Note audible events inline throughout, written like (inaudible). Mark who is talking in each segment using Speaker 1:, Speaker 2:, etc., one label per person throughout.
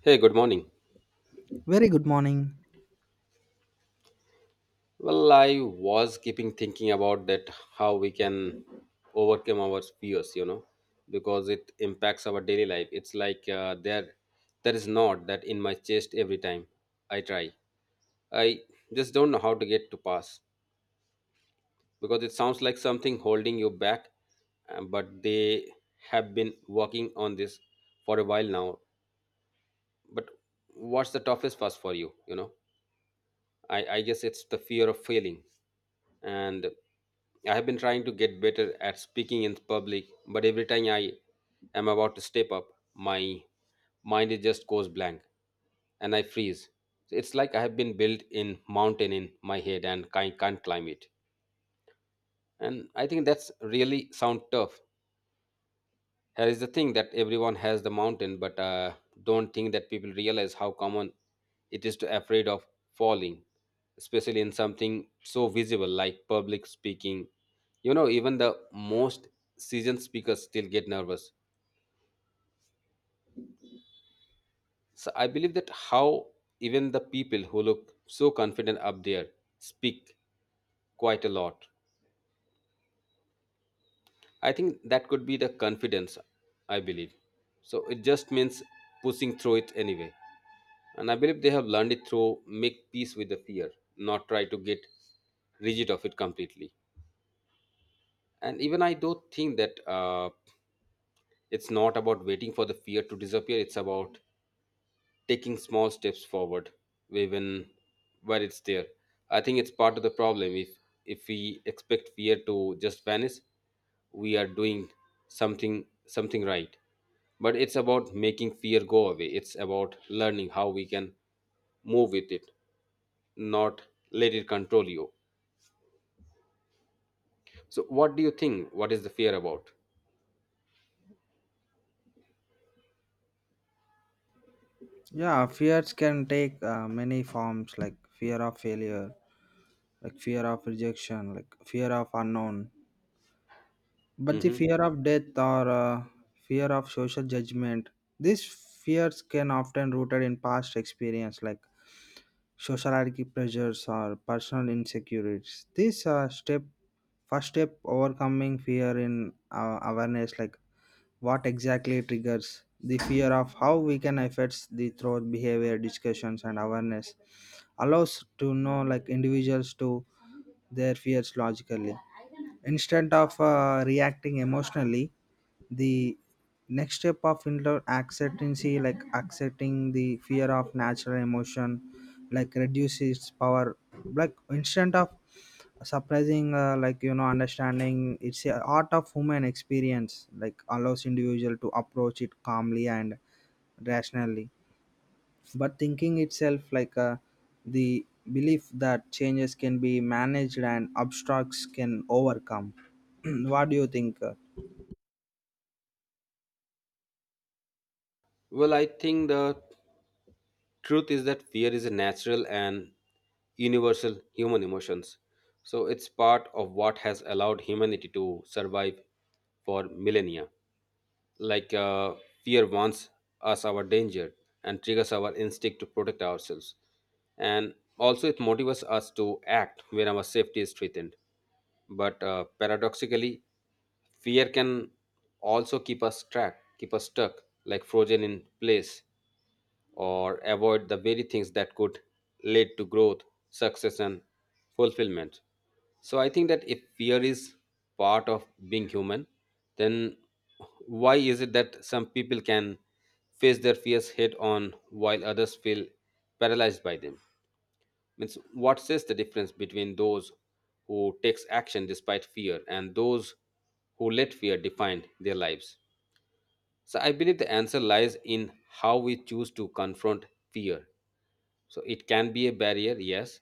Speaker 1: Hey, good morning.
Speaker 2: Very good morning.
Speaker 1: Well, I was keeping thinking about that how we can overcome our fears, because it impacts our daily life. It's like there is not that in my chest every time I try. I just don't know how to get to pass because it sounds like something holding you back. But they have been working on this for a while now. But what's the toughest pass for you? You know. I guess it's the fear of failing. And I have been trying to get better at speaking in public, but every time I am about to step up, my mind it just goes blank and I freeze. It's like I have been built in mountain in my head and I can't climb it. And I think that's really sound tough, here is the thing that everyone has the mountain, but don't think that people realize how common it is to afraid of falling, especially in something so visible like public speaking. You know, even the most seasoned speakers still get nervous. So I believe that how even the people who look so confident up there speak quite a lot. I think that could be the confidence, I believe. So it just means pushing through it anyway. And I believe they have learned it through make peace with the fear, not try to get rid of it completely. And even I do think that it's not about waiting for the fear to disappear. It's about taking small steps forward, even where it's there. I think it's part of the problem. If we expect fear to just vanish, we are doing something right. But it's about making fear go away. It's about learning how we can move with it not let it control you. So, what do you think? What is the fear about?
Speaker 2: Yeah, fears can take many forms like fear of failure, like fear of rejection, like fear of unknown. But the
Speaker 1: Hmm.
Speaker 2: fear of death or fear of social judgment, these fears can often rooted in past experience like social hierarchy pressures or personal insecurities. First step overcoming fear in awareness like what exactly triggers the fear of how we can affect the through behavior discussions and awareness allows to know like individuals to their fears logically instead of reacting emotionally the next step of acceptancy like accepting the fear of natural emotion like reduces power like instead of surprising like you know understanding it's a art of human experience like allows individual to approach it calmly and rationally but thinking itself the belief that changes can be managed and obstacles can overcome. (clears throat) What do you think
Speaker 1: Well, I think the truth is that fear is a natural and universal human emotions. So, it's part of what has allowed humanity to survive for millennia. Like fear warns us our danger and triggers our instinct to protect ourselves, and also it motivates us to act when our safety is threatened. But paradoxically, fear can also keep us trapped, keep us stuck, like frozen in place or avoid the very things that could lead to growth, success, and fulfillment. So I think that if fear is part of being human, then why is it that some people can face their fears head on while others feel paralyzed by them? Means what says the difference between those who takes action despite fear and those who let fear define their lives? So I believe the answer lies in how we choose to confront fear. So it can be a barrier, yes.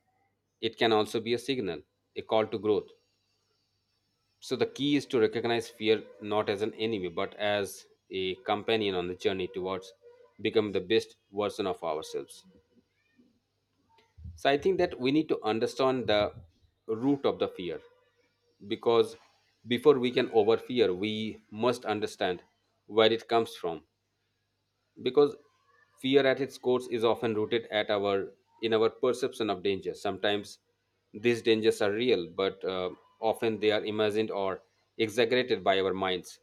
Speaker 1: It can also be a signal, a call to growth. So the key is to recognize fear not as an enemy, but as a companion on the journey towards becoming the best version of ourselves. So I think that we need to understand the root of the fear, because before we can over fear, we must understand where it comes from, because fear at its core is often rooted at our in our perception of danger. Sometimes these dangers are real, but often they are imagined or exaggerated by our minds.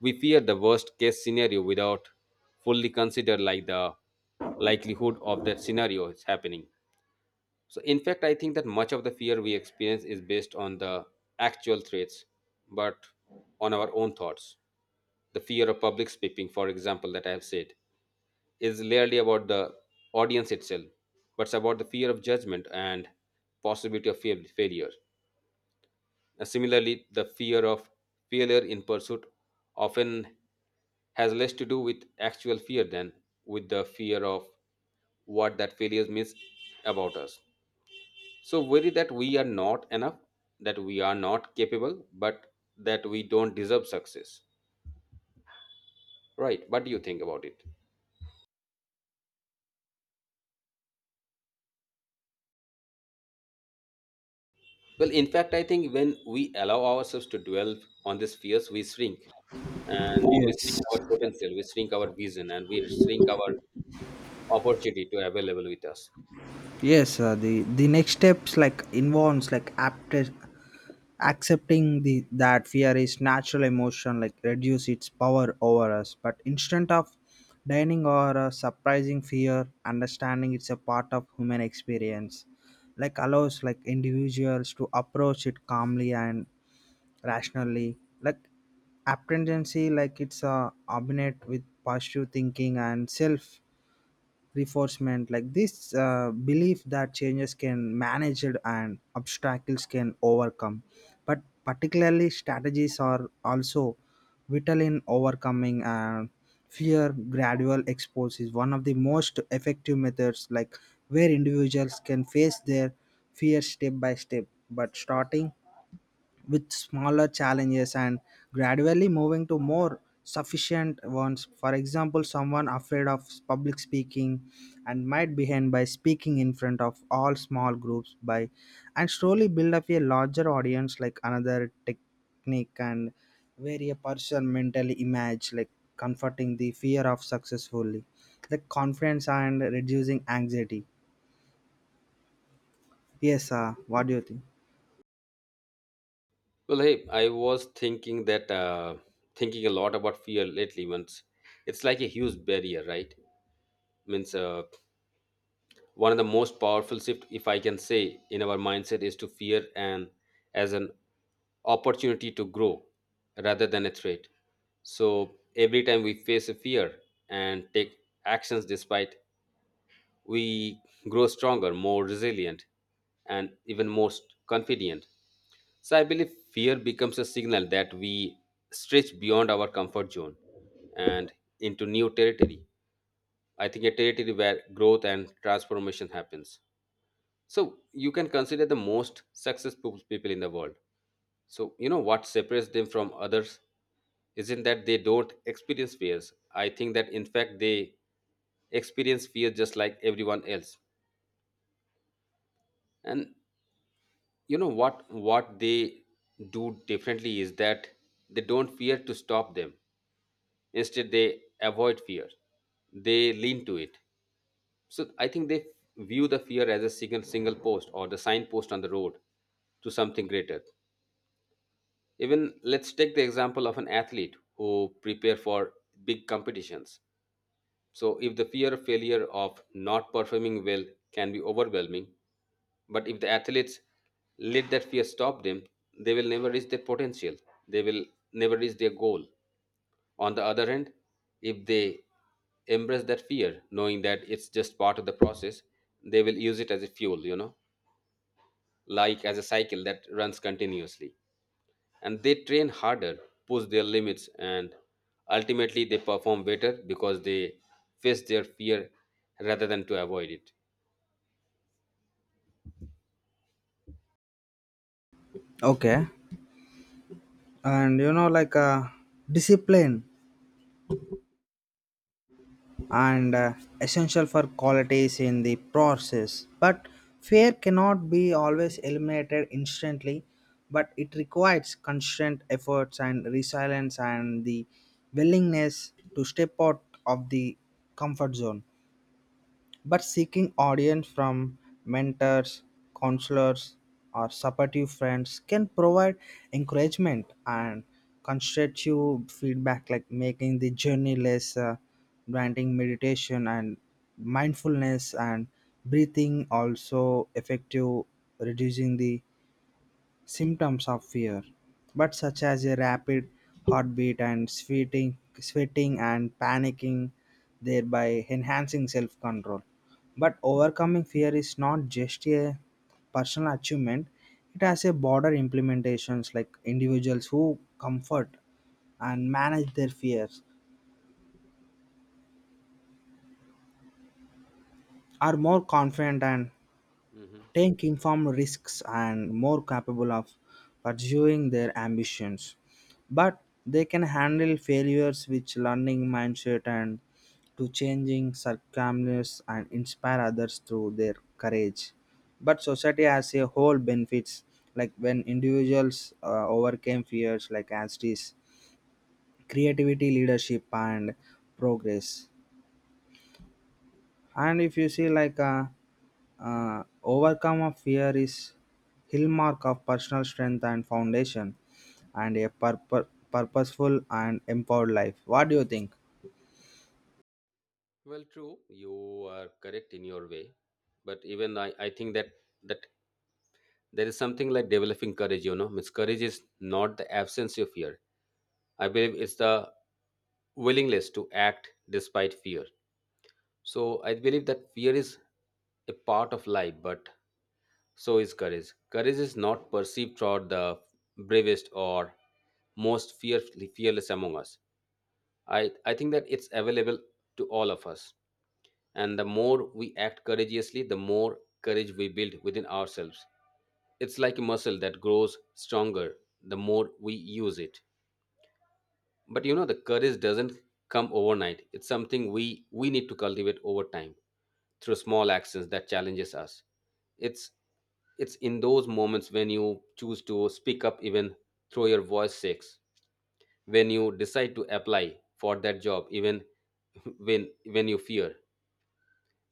Speaker 1: We fear the worst case scenario without fully consider like the likelihood of that scenario is happening. So in fact I think that much of the fear we experience is based on the actual threats but on our own thoughts. The fear of public speaking, for example, that I have said is rarely about the audience itself, but it's about the fear of judgment and possibility of failure. Similarly, the fear of failure in pursuit often has less to do with actual fear than with the fear of what that failure means about us. So worry that we are not enough, that we are not capable, but that we don't deserve success. Right? What do you think about it? Well, in fact, I think when we allow ourselves to dwell on these fears, we shrink, and we shrink
Speaker 2: Yes.
Speaker 1: our potential, we shrink our vision, and we shrink our opportunity to available with us.
Speaker 2: Yes, the next steps like involves like accepting the that fear is natural emotion like reduce its power over us. But instead of dining or surprising fear, understanding it's a part of human experience, like allows like individuals to approach it calmly and rationally. Like apprehension, like it's abinate with positive thinking and self reinforcement like this belief that changes can manage it and obstacles can overcome but particularly strategies are also vital in overcoming fear. Gradual expose is one of the most effective methods like where individuals can face their fear step by step but starting with smaller challenges and gradually moving to more sufficient ones. For example, someone afraid of public speaking and might begin by speaking in front of all small groups by and slowly build up a larger audience like another technique and where a person mentally image like comforting the fear of successfully the confidence and reducing anxiety. Yes, what do you think?
Speaker 1: Well, hey, I was thinking that thinking a lot about fear lately. Once it's like a huge barrier, right? Means one of the most powerful shift if I can say in our mindset is to fear and as an opportunity to grow rather than a threat. So every time we face a fear and take actions despite, we grow stronger, more resilient, and even more confident. So I believe fear becomes a signal that we stretch beyond our comfort zone and into new territory. I think a territory where growth and transformation happens. So you can consider the most successful people in the world. So you know what separates them from others isn't that they don't experience fears. I think that in fact they experience fear just like everyone else. And you know what they do differently is that they don't fear to stop them. Instead they avoid fear. They lean to it. So I think they view the fear as a single post or the signpost on the road to something greater. Even let's take the example of an athlete who prepare for big competitions. So if the fear of failure of not performing well can be overwhelming, but if the athletes let that fear stop them, they will never reach their potential, they will never reach their goal. On the other hand, if they embrace that fear knowing that it's just part of the process, they will use it as a fuel, you know, like as a cycle that runs continuously, and they train harder, push their limits, and ultimately they perform better because they face their fear rather than to avoid it.
Speaker 2: Okay, and you know discipline and essential for qualities in the process. But fear cannot be always eliminated instantly, but it requires constant efforts and resilience and the willingness to step out of the comfort zone but seeking audience from mentors, counselors, or supportive friends can provide encouragement and constructive feedback, like making the journey less granting meditation and mindfulness and breathing also effective, reducing the symptoms of fear, but such as a rapid heartbeat and sweating, sweating and panicking, thereby enhancing self control. But overcoming fear is not just a personal achievement, it has a broader implementations like individuals who comfort and manage their fears are more confident and
Speaker 1: Hmm.
Speaker 2: take informed risks and more capable of pursuing their ambitions. But they can handle failures with learning mindset and to changing circumstances and inspire others through their courage. But society as a whole benefits like when individuals overcame fears like as it is creativity, leadership, and progress. And if you see overcome of fear is hallmark of personal strength and foundation and a purposeful and empowered life. What do you think?
Speaker 1: Well, true, you are correct in your way, but even I think that that there is something like developing courage. You know, means courage is not the absence of fear. I believe it's the willingness to act despite fear. So I believe that fear is a part of life, but so is courage. Courage is not perceived throughout the bravest or most fearfully fearless among us. I think that it's available to all of us. And the more we act courageously, the more courage we build within ourselves. It's like a muscle that grows stronger the more we use it. But you know, the courage doesn't come overnight. It's something we need to cultivate over time through small actions that challenges us. it's it's in those moments when you choose to speak up even through your voice six, when you decide to apply for that job, even (laughs) when you fear,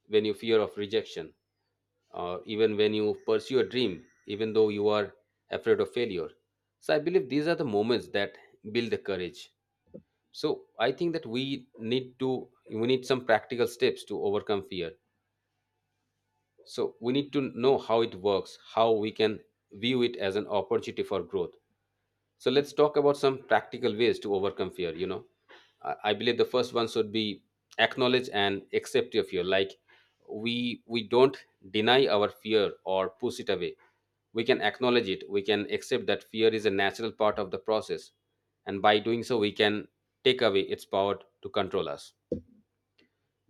Speaker 1: when you fear of rejection, or even when you pursue a dream even though you are afraid of failure. So I believe these are the moments that build the courage. So I think that we need some practical steps to overcome fear. So we need to know how it works, how we can view it as an opportunity for growth. So let's talk about some practical ways to overcome fear, you know. I believe the first one should be acknowledge and accept your fear. Like we we don't deny our fear or push it away. We can acknowledge it, we can accept that fear is a natural part of the process, and by doing so we can take away its power to control us.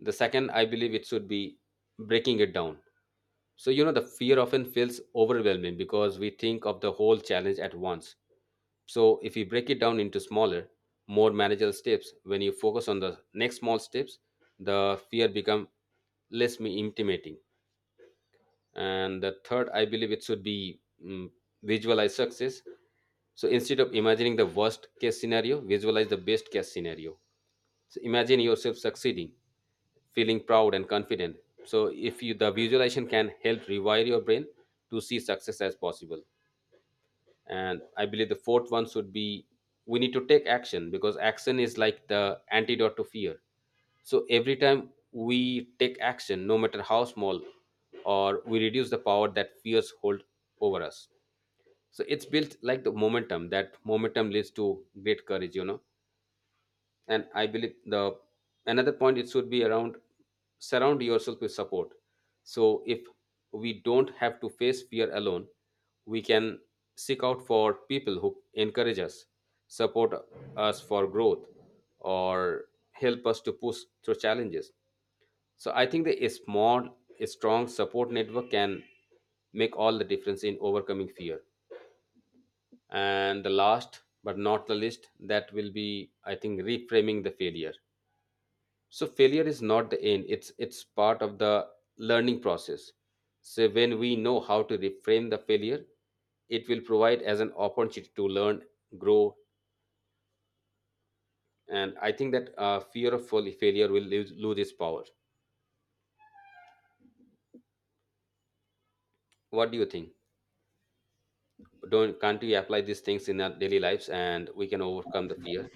Speaker 1: The second, I believe it should be breaking it down. So, you know, the fear often feels overwhelming because we think of the whole challenge at once. So, if you break it down into smaller, more manageable steps, when you focus on the next small steps, the fear become less me intimidating. And the third, I believe it should be visualize success. So instead of imagining the worst case scenario, visualize the best case scenario. So imagine yourself succeeding, feeling proud and confident. So if you the visualization can help rewire your brain to see success as possible. And I believe the fourth one should be we need to take action because action is like the antidote to fear. So every time we take action, no matter how small, or we reduce the power that fears hold over us. So it's built like the momentum. That momentum leads to great courage. And I believe the another point it should be around surround yourself with support. So if we don't have to face fear alone, we can seek out for people who encourage us, support us for growth, or help us to push through challenges. So I think that a strong support network can make all the difference in overcoming fear. And the last but not the least, that will be, I think, reframing the failure. So failure is not the end, it's part of the learning process. So when we know how to reframe the failure, it will provide as an opportunity to learn, grow, and I think that fear of failure will lose its power. What do you think? Don't, can't we apply these things in our daily lives and we can overcome the fear?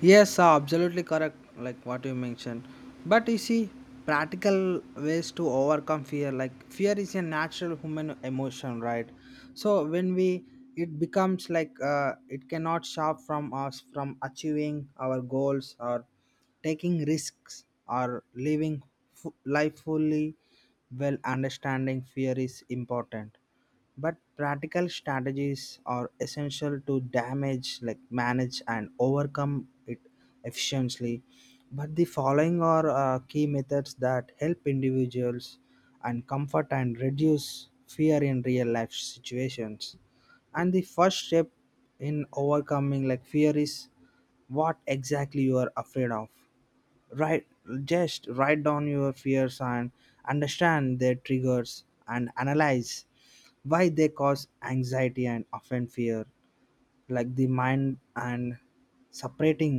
Speaker 2: Yes, absolutely correct, like what you mentioned. But you see, practical ways to overcome fear, like fear is a natural human emotion, right? So when we it becomes like it cannot stop from us from achieving our goals or taking risks or living life fully. Well understanding fear is important but practical strategies are essential to damage like manage and overcome it efficiently but the following are key methods that help individuals and comfort and reduce fear in real life situations. And the first step in overcoming like fear is what exactly you are afraid of. Write, just write down your fears and understand their triggers and analyze why they cause anxiety and often fear like the mind and separating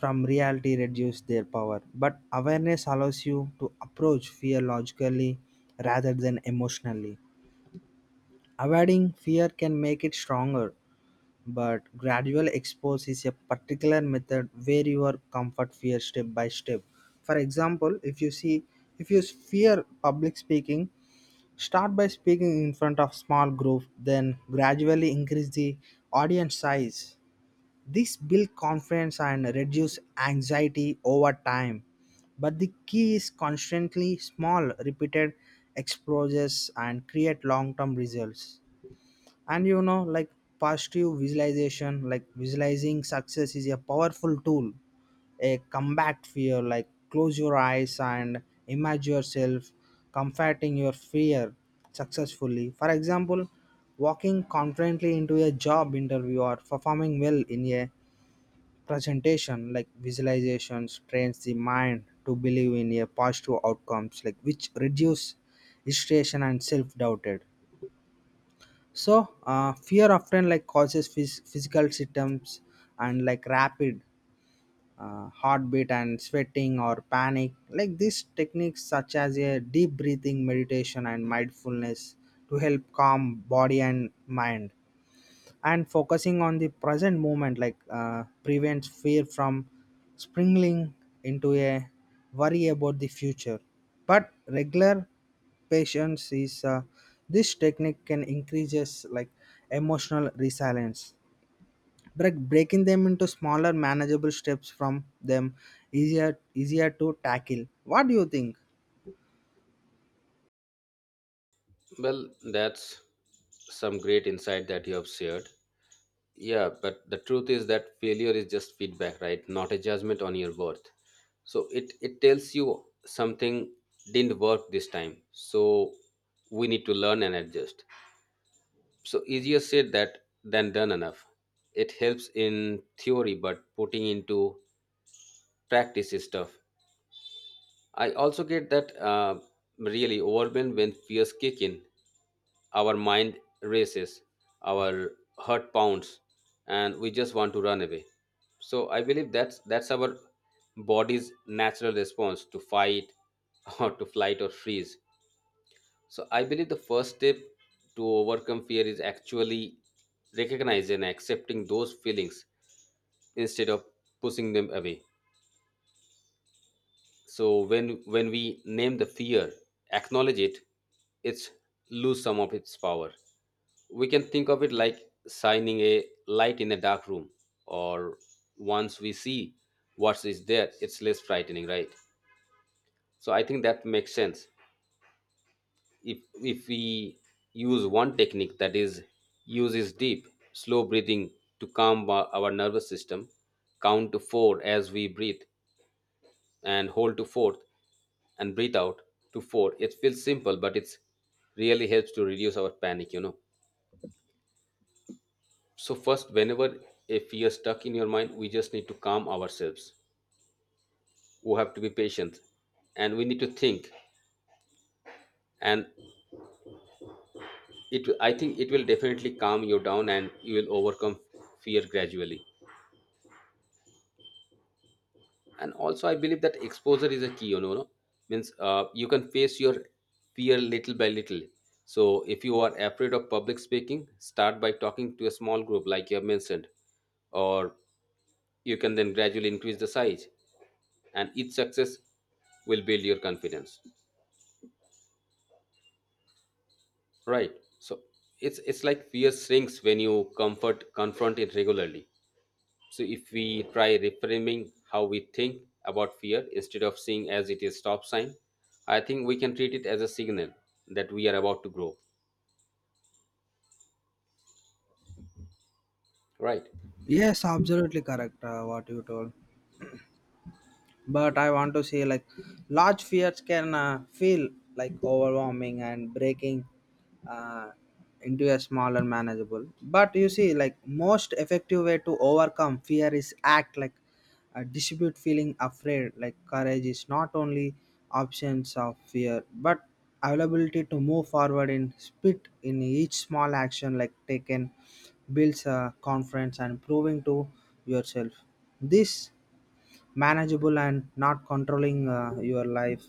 Speaker 2: from reality reduce their power but awareness allows you to approach fear logically rather than emotionally. Avoiding fear can make it stronger but gradual expose is a particular method where you are comfort fear step by step. For example, if you see if you fear public speaking, start by speaking in front of small group then gradually increase the audience size. This build confidence and reduce anxiety over time but the key is constantly small repeated exposures and create long term results. And you know like positive visualization like visualizing success is a powerful tool a combat fear like close your eyes and imagine yourself combating your fear successfully. For example, walking confidently into a job interview or performing well in a presentation like visualizations trains the mind to believe in a positive outcomes like which reduce frustration and self-doubted. So, fear often like causes physical symptoms and like rapid heartbeat and sweating or panic. Like these techniques, such as a deep breathing meditation and mindfulness, to help calm body and mind and focusing on the present moment like prevents fear from springing into a worry about the future but regular patience is this technique can increases like emotional resilience. Break, breaking them into smaller manageable steps from them easier to tackle. What do you think?
Speaker 1: Well, that's some great insight that you have shared. Yeah, but the truth is that failure is just feedback, right? Not a judgment on your worth. So it tells you something didn't work this time. So we need to learn and adjust. So easier said that than done enough. It helps in theory, but putting into practice is tough. I also get that really overwhelmed when fears kick in. Our mind races, our heart pounds, and we just want to run away. So I believe that's our body's natural response to fight (laughs) or to flight or freeze. So I believe the first step to overcome fear is actually recognizing and accepting those feelings instead of pushing them away. So when we name the fear, acknowledge it, it's lose some of its power. We can think of it like shining a light in a dark room, or once we see what is there, it's less frightening, right? So I think that makes sense. If we use one technique that is uses deep, slow breathing to calm our nervous system, count to 4 as we breathe and hold to fourth, and breathe out to four. It feels simple, but it's really helps to reduce our panic, you know. So first, whenever a fear stuck in your mind, we just need to calm ourselves. We have to be patient and we need to think. And it I think it will definitely calm you down and you will overcome fear gradually. And also I believe that exposure is a key, you know. No? Means you can face your fear little by little. So if you are afraid of public speaking, start by talking to a small group, like you have mentioned, or you can then gradually increase the size, and each success will build your confidence, right? So it's like fear shrinks when you comfort confront it regularly. So if we try reframing how we think about fear instead of seeing as it is stop sign, I think we can treat it as a signal that we are about to grow. Right.
Speaker 2: Yes, absolutely correct, what you told but I want to say like large fears can feel like overwhelming and breaking uh, into a smaller manageable but you see like most effective way to overcome fear is act like a distribute feeling afraid like courage is not only absence of fear but availability to move forward in spit in each small action like taken builds a confidence and proving to yourself this manageable and not controlling your life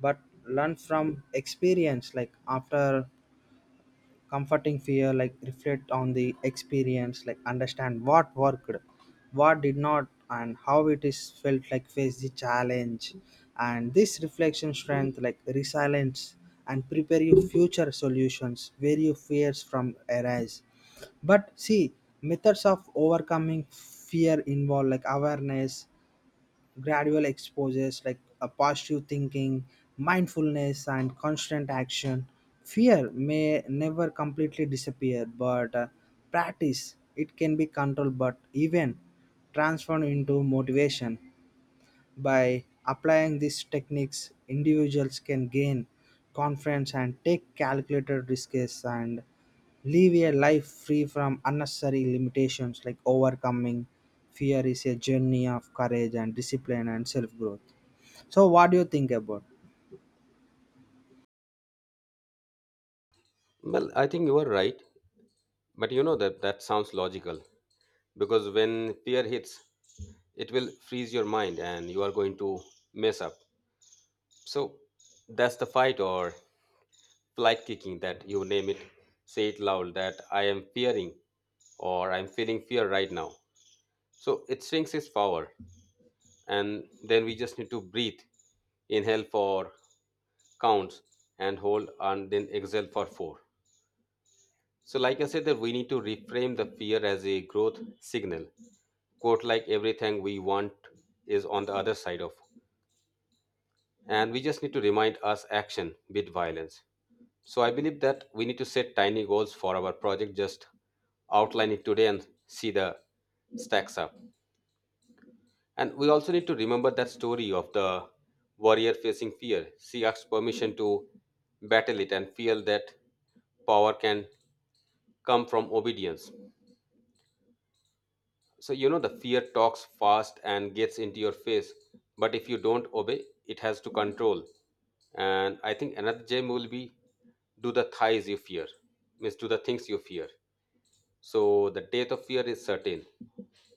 Speaker 2: but learn from experience like after comforting fear like reflect on the experience like understand what worked what did not and how it is felt like face the challenge and this reflection strength like resilience and prepare you future solutions where your fears from arise but see methods of overcoming fear involve like awareness gradual exposures like a positive thinking, mindfulness, and constant action, fear may never completely disappear, but practice it can be controlled but even transformed into motivation. By applying these techniques, individuals can gain confidence and take calculated risks and live a life free from unnecessary limitations like overcoming fear is a journey of courage and discipline and self growth. So, what do you think about?
Speaker 1: Well, I think you are right, but you know that that sounds logical because when fear hits, it will freeze your mind and you are going to mess up. So that's the fight or flight kicking that you name it. Say it loud that I am fearing or I'm feeling fear right now. So it shrinks its power, and then we just need to breathe, inhale for counts and hold, and then exhale for four. So, like I said, that we need to reframe the fear as a growth signal. Quote like everything we want is on the other side of, and we just need to remind us action beat violence. So I believe that we need to set tiny goals for our project. Just outline it today and see the stacks up. And we also need to remember that story of the warrior facing fear. She asks permission to battle it and feel that power can come from obedience. So, you know, the fear talks fast and gets into your face, but if you don't obey, it has to control. And I think another gem will be do the thighs you fear, means do the things you fear. So, the death of fear is certain,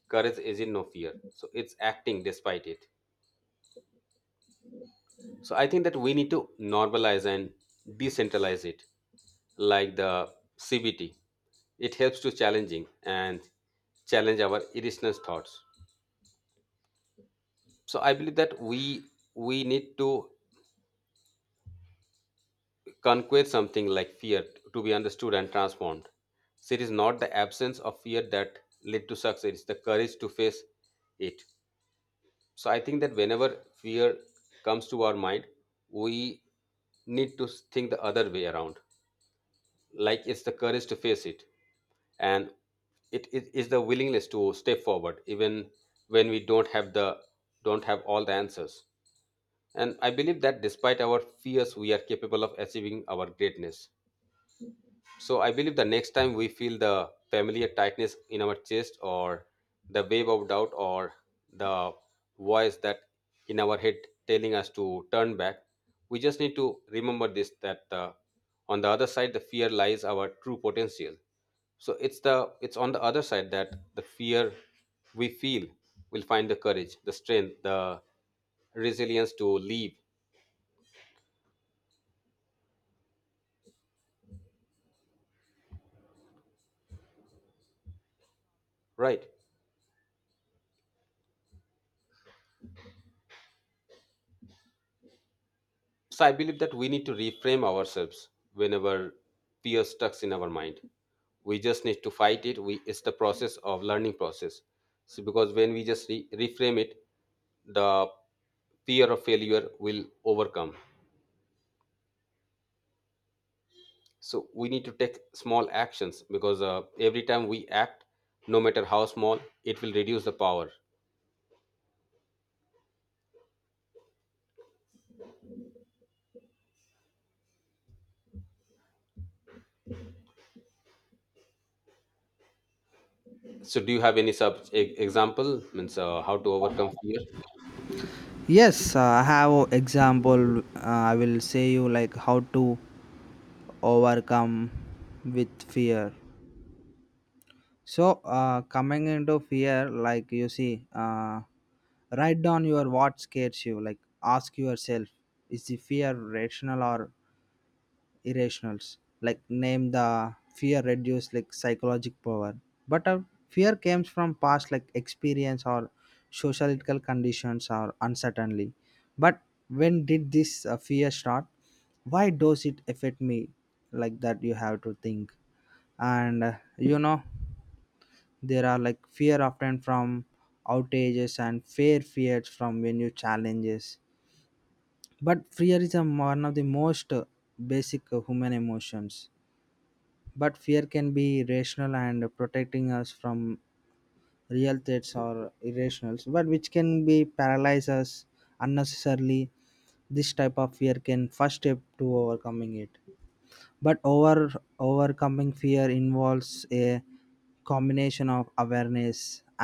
Speaker 1: courage is in no fear. So, it's acting despite it. So I think that we need to normalize and decentralize it, like the CBT. It helps to challenging and challenge our irrational thoughts. So I believe that we need to conquer something like fear to be understood and transformed. So it is not the absence of fear that led to success; it's the courage to face it. So I think that whenever fear comes to our mind, we need to think the other way around, like it's the courage to face it, and it is the willingness to step forward even when we don't have all the answers. And I believe that despite our fears, we are capable of achieving our greatness. So I believe the next time we feel the familiar tightness in our chest, or the wave of doubt, or the voice that in our head telling us to turn back, we just need to remember this that on the other side the fear lies our true potential. So it's on the other side that the fear we feel will find the courage, the strength, the resilience to leave, right? So I believe that we need to reframe ourselves whenever fear stuck in our mind. We just need to fight it. We it's the process of learning process. So because when we just reframe it, the fear of failure will overcome. So we need to take small actions because every time we act, no matter how small, it will reduce the power. So do you have any example, means how to overcome fear?
Speaker 2: Yes, I have a example. I will say you like how to overcome with fear. So, coming into fear, like you see, write down your what scares you. Like, ask yourself, is the fear rational or irrational? Like, name the fear reduce like psychological power. But fear comes from past like experience or sociological conditions or uncertainty. But when did this fear start? Why does it affect me? Like that, you have to think and you know there are like fear often from outages and fear fears from when you challenges but fear is a, one of the most basic human emotions but fear can be rational and protecting us from real threats or irrationals but which can be paralyze us unnecessarily. This type of fear can first step to overcoming it but overcoming fear involves a combination of awareness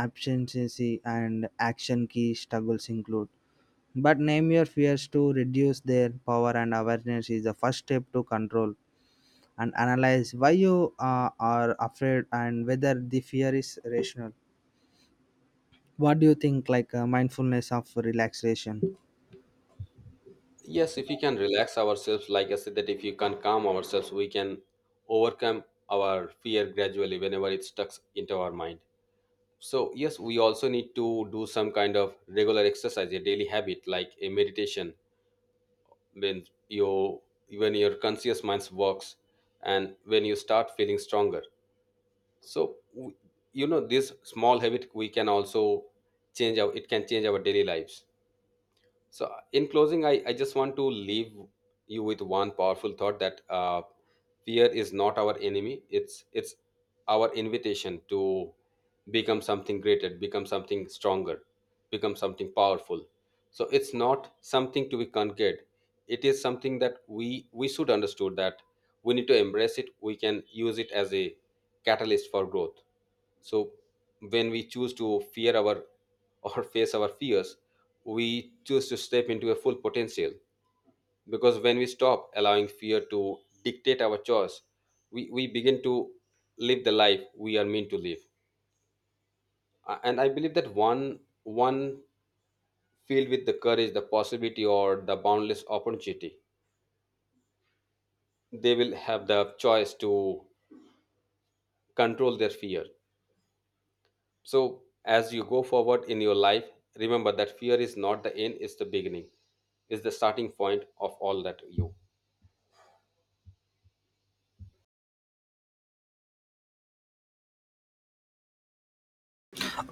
Speaker 2: abstinence and action key struggles include but name your fears to reduce their power and awareness is the first step to control and analyze why you are afraid and whether the fear is rational. What do you think like mindfulness of relaxation?
Speaker 1: Yes, if we can relax ourselves, like I said, that if you can calm ourselves, we can overcome our fear gradually whenever it stuck into our mind. So, yes, we also need to do some kind of regular exercise, a daily habit like a meditation. When your when your conscious mind works, and when you start feeling stronger, so you know this small habit we can also change our. It can change our daily lives. So, in closing, I just want to leave you with one powerful thought that fear is not our enemy. It's our invitation to become something greater, become something stronger, become something powerful. So it's not something to be conquered. It is something that we should understood that we need to embrace it. We can use it as a catalyst for growth. So when we choose to fear our (laughs) or face our fears, we choose to step into a full potential because when we stop allowing fear to dictate our choice, we begin to live the life we are meant to live. And I believe that one filled with the courage, the possibility, or the boundless opportunity, they will have the choice to control their fear. So as you go forward in your life, remember that fear is not the end, it's the beginning. It's the starting point of all that you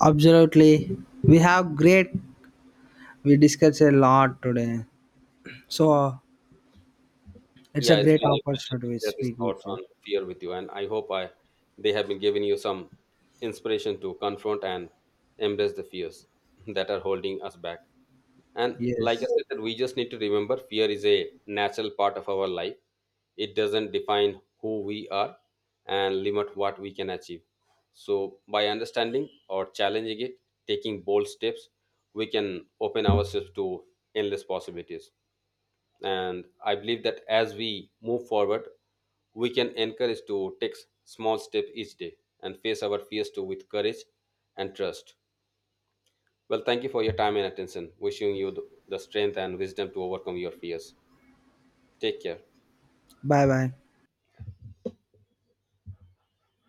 Speaker 2: Absolutely. We have great. We discussed a lot today. So it's a
Speaker 1: Yeah, it's
Speaker 2: great
Speaker 1: been a pleasure to
Speaker 2: opportunity to
Speaker 1: share these
Speaker 2: speak with
Speaker 1: thoughts
Speaker 2: you.
Speaker 1: on fear with you, and I hope I they have been giving you some inspiration to confront and embrace the fears (laughs) that are holding us back. And like I
Speaker 2: Yes.
Speaker 1: said, that we just need to remember fear is a natural part of our life. It doesn't define who we are and limit what we can achieve. So, by understanding or challenging it, taking bold steps, we can open ourselves to endless possibilities. And I believe that as we move forward, we can encourage to take small step each day and face our fears too with courage and trust. Well, thank you for your time and attention, wishing you the strength and wisdom to overcome your fears. Take care.
Speaker 2: Bye bye.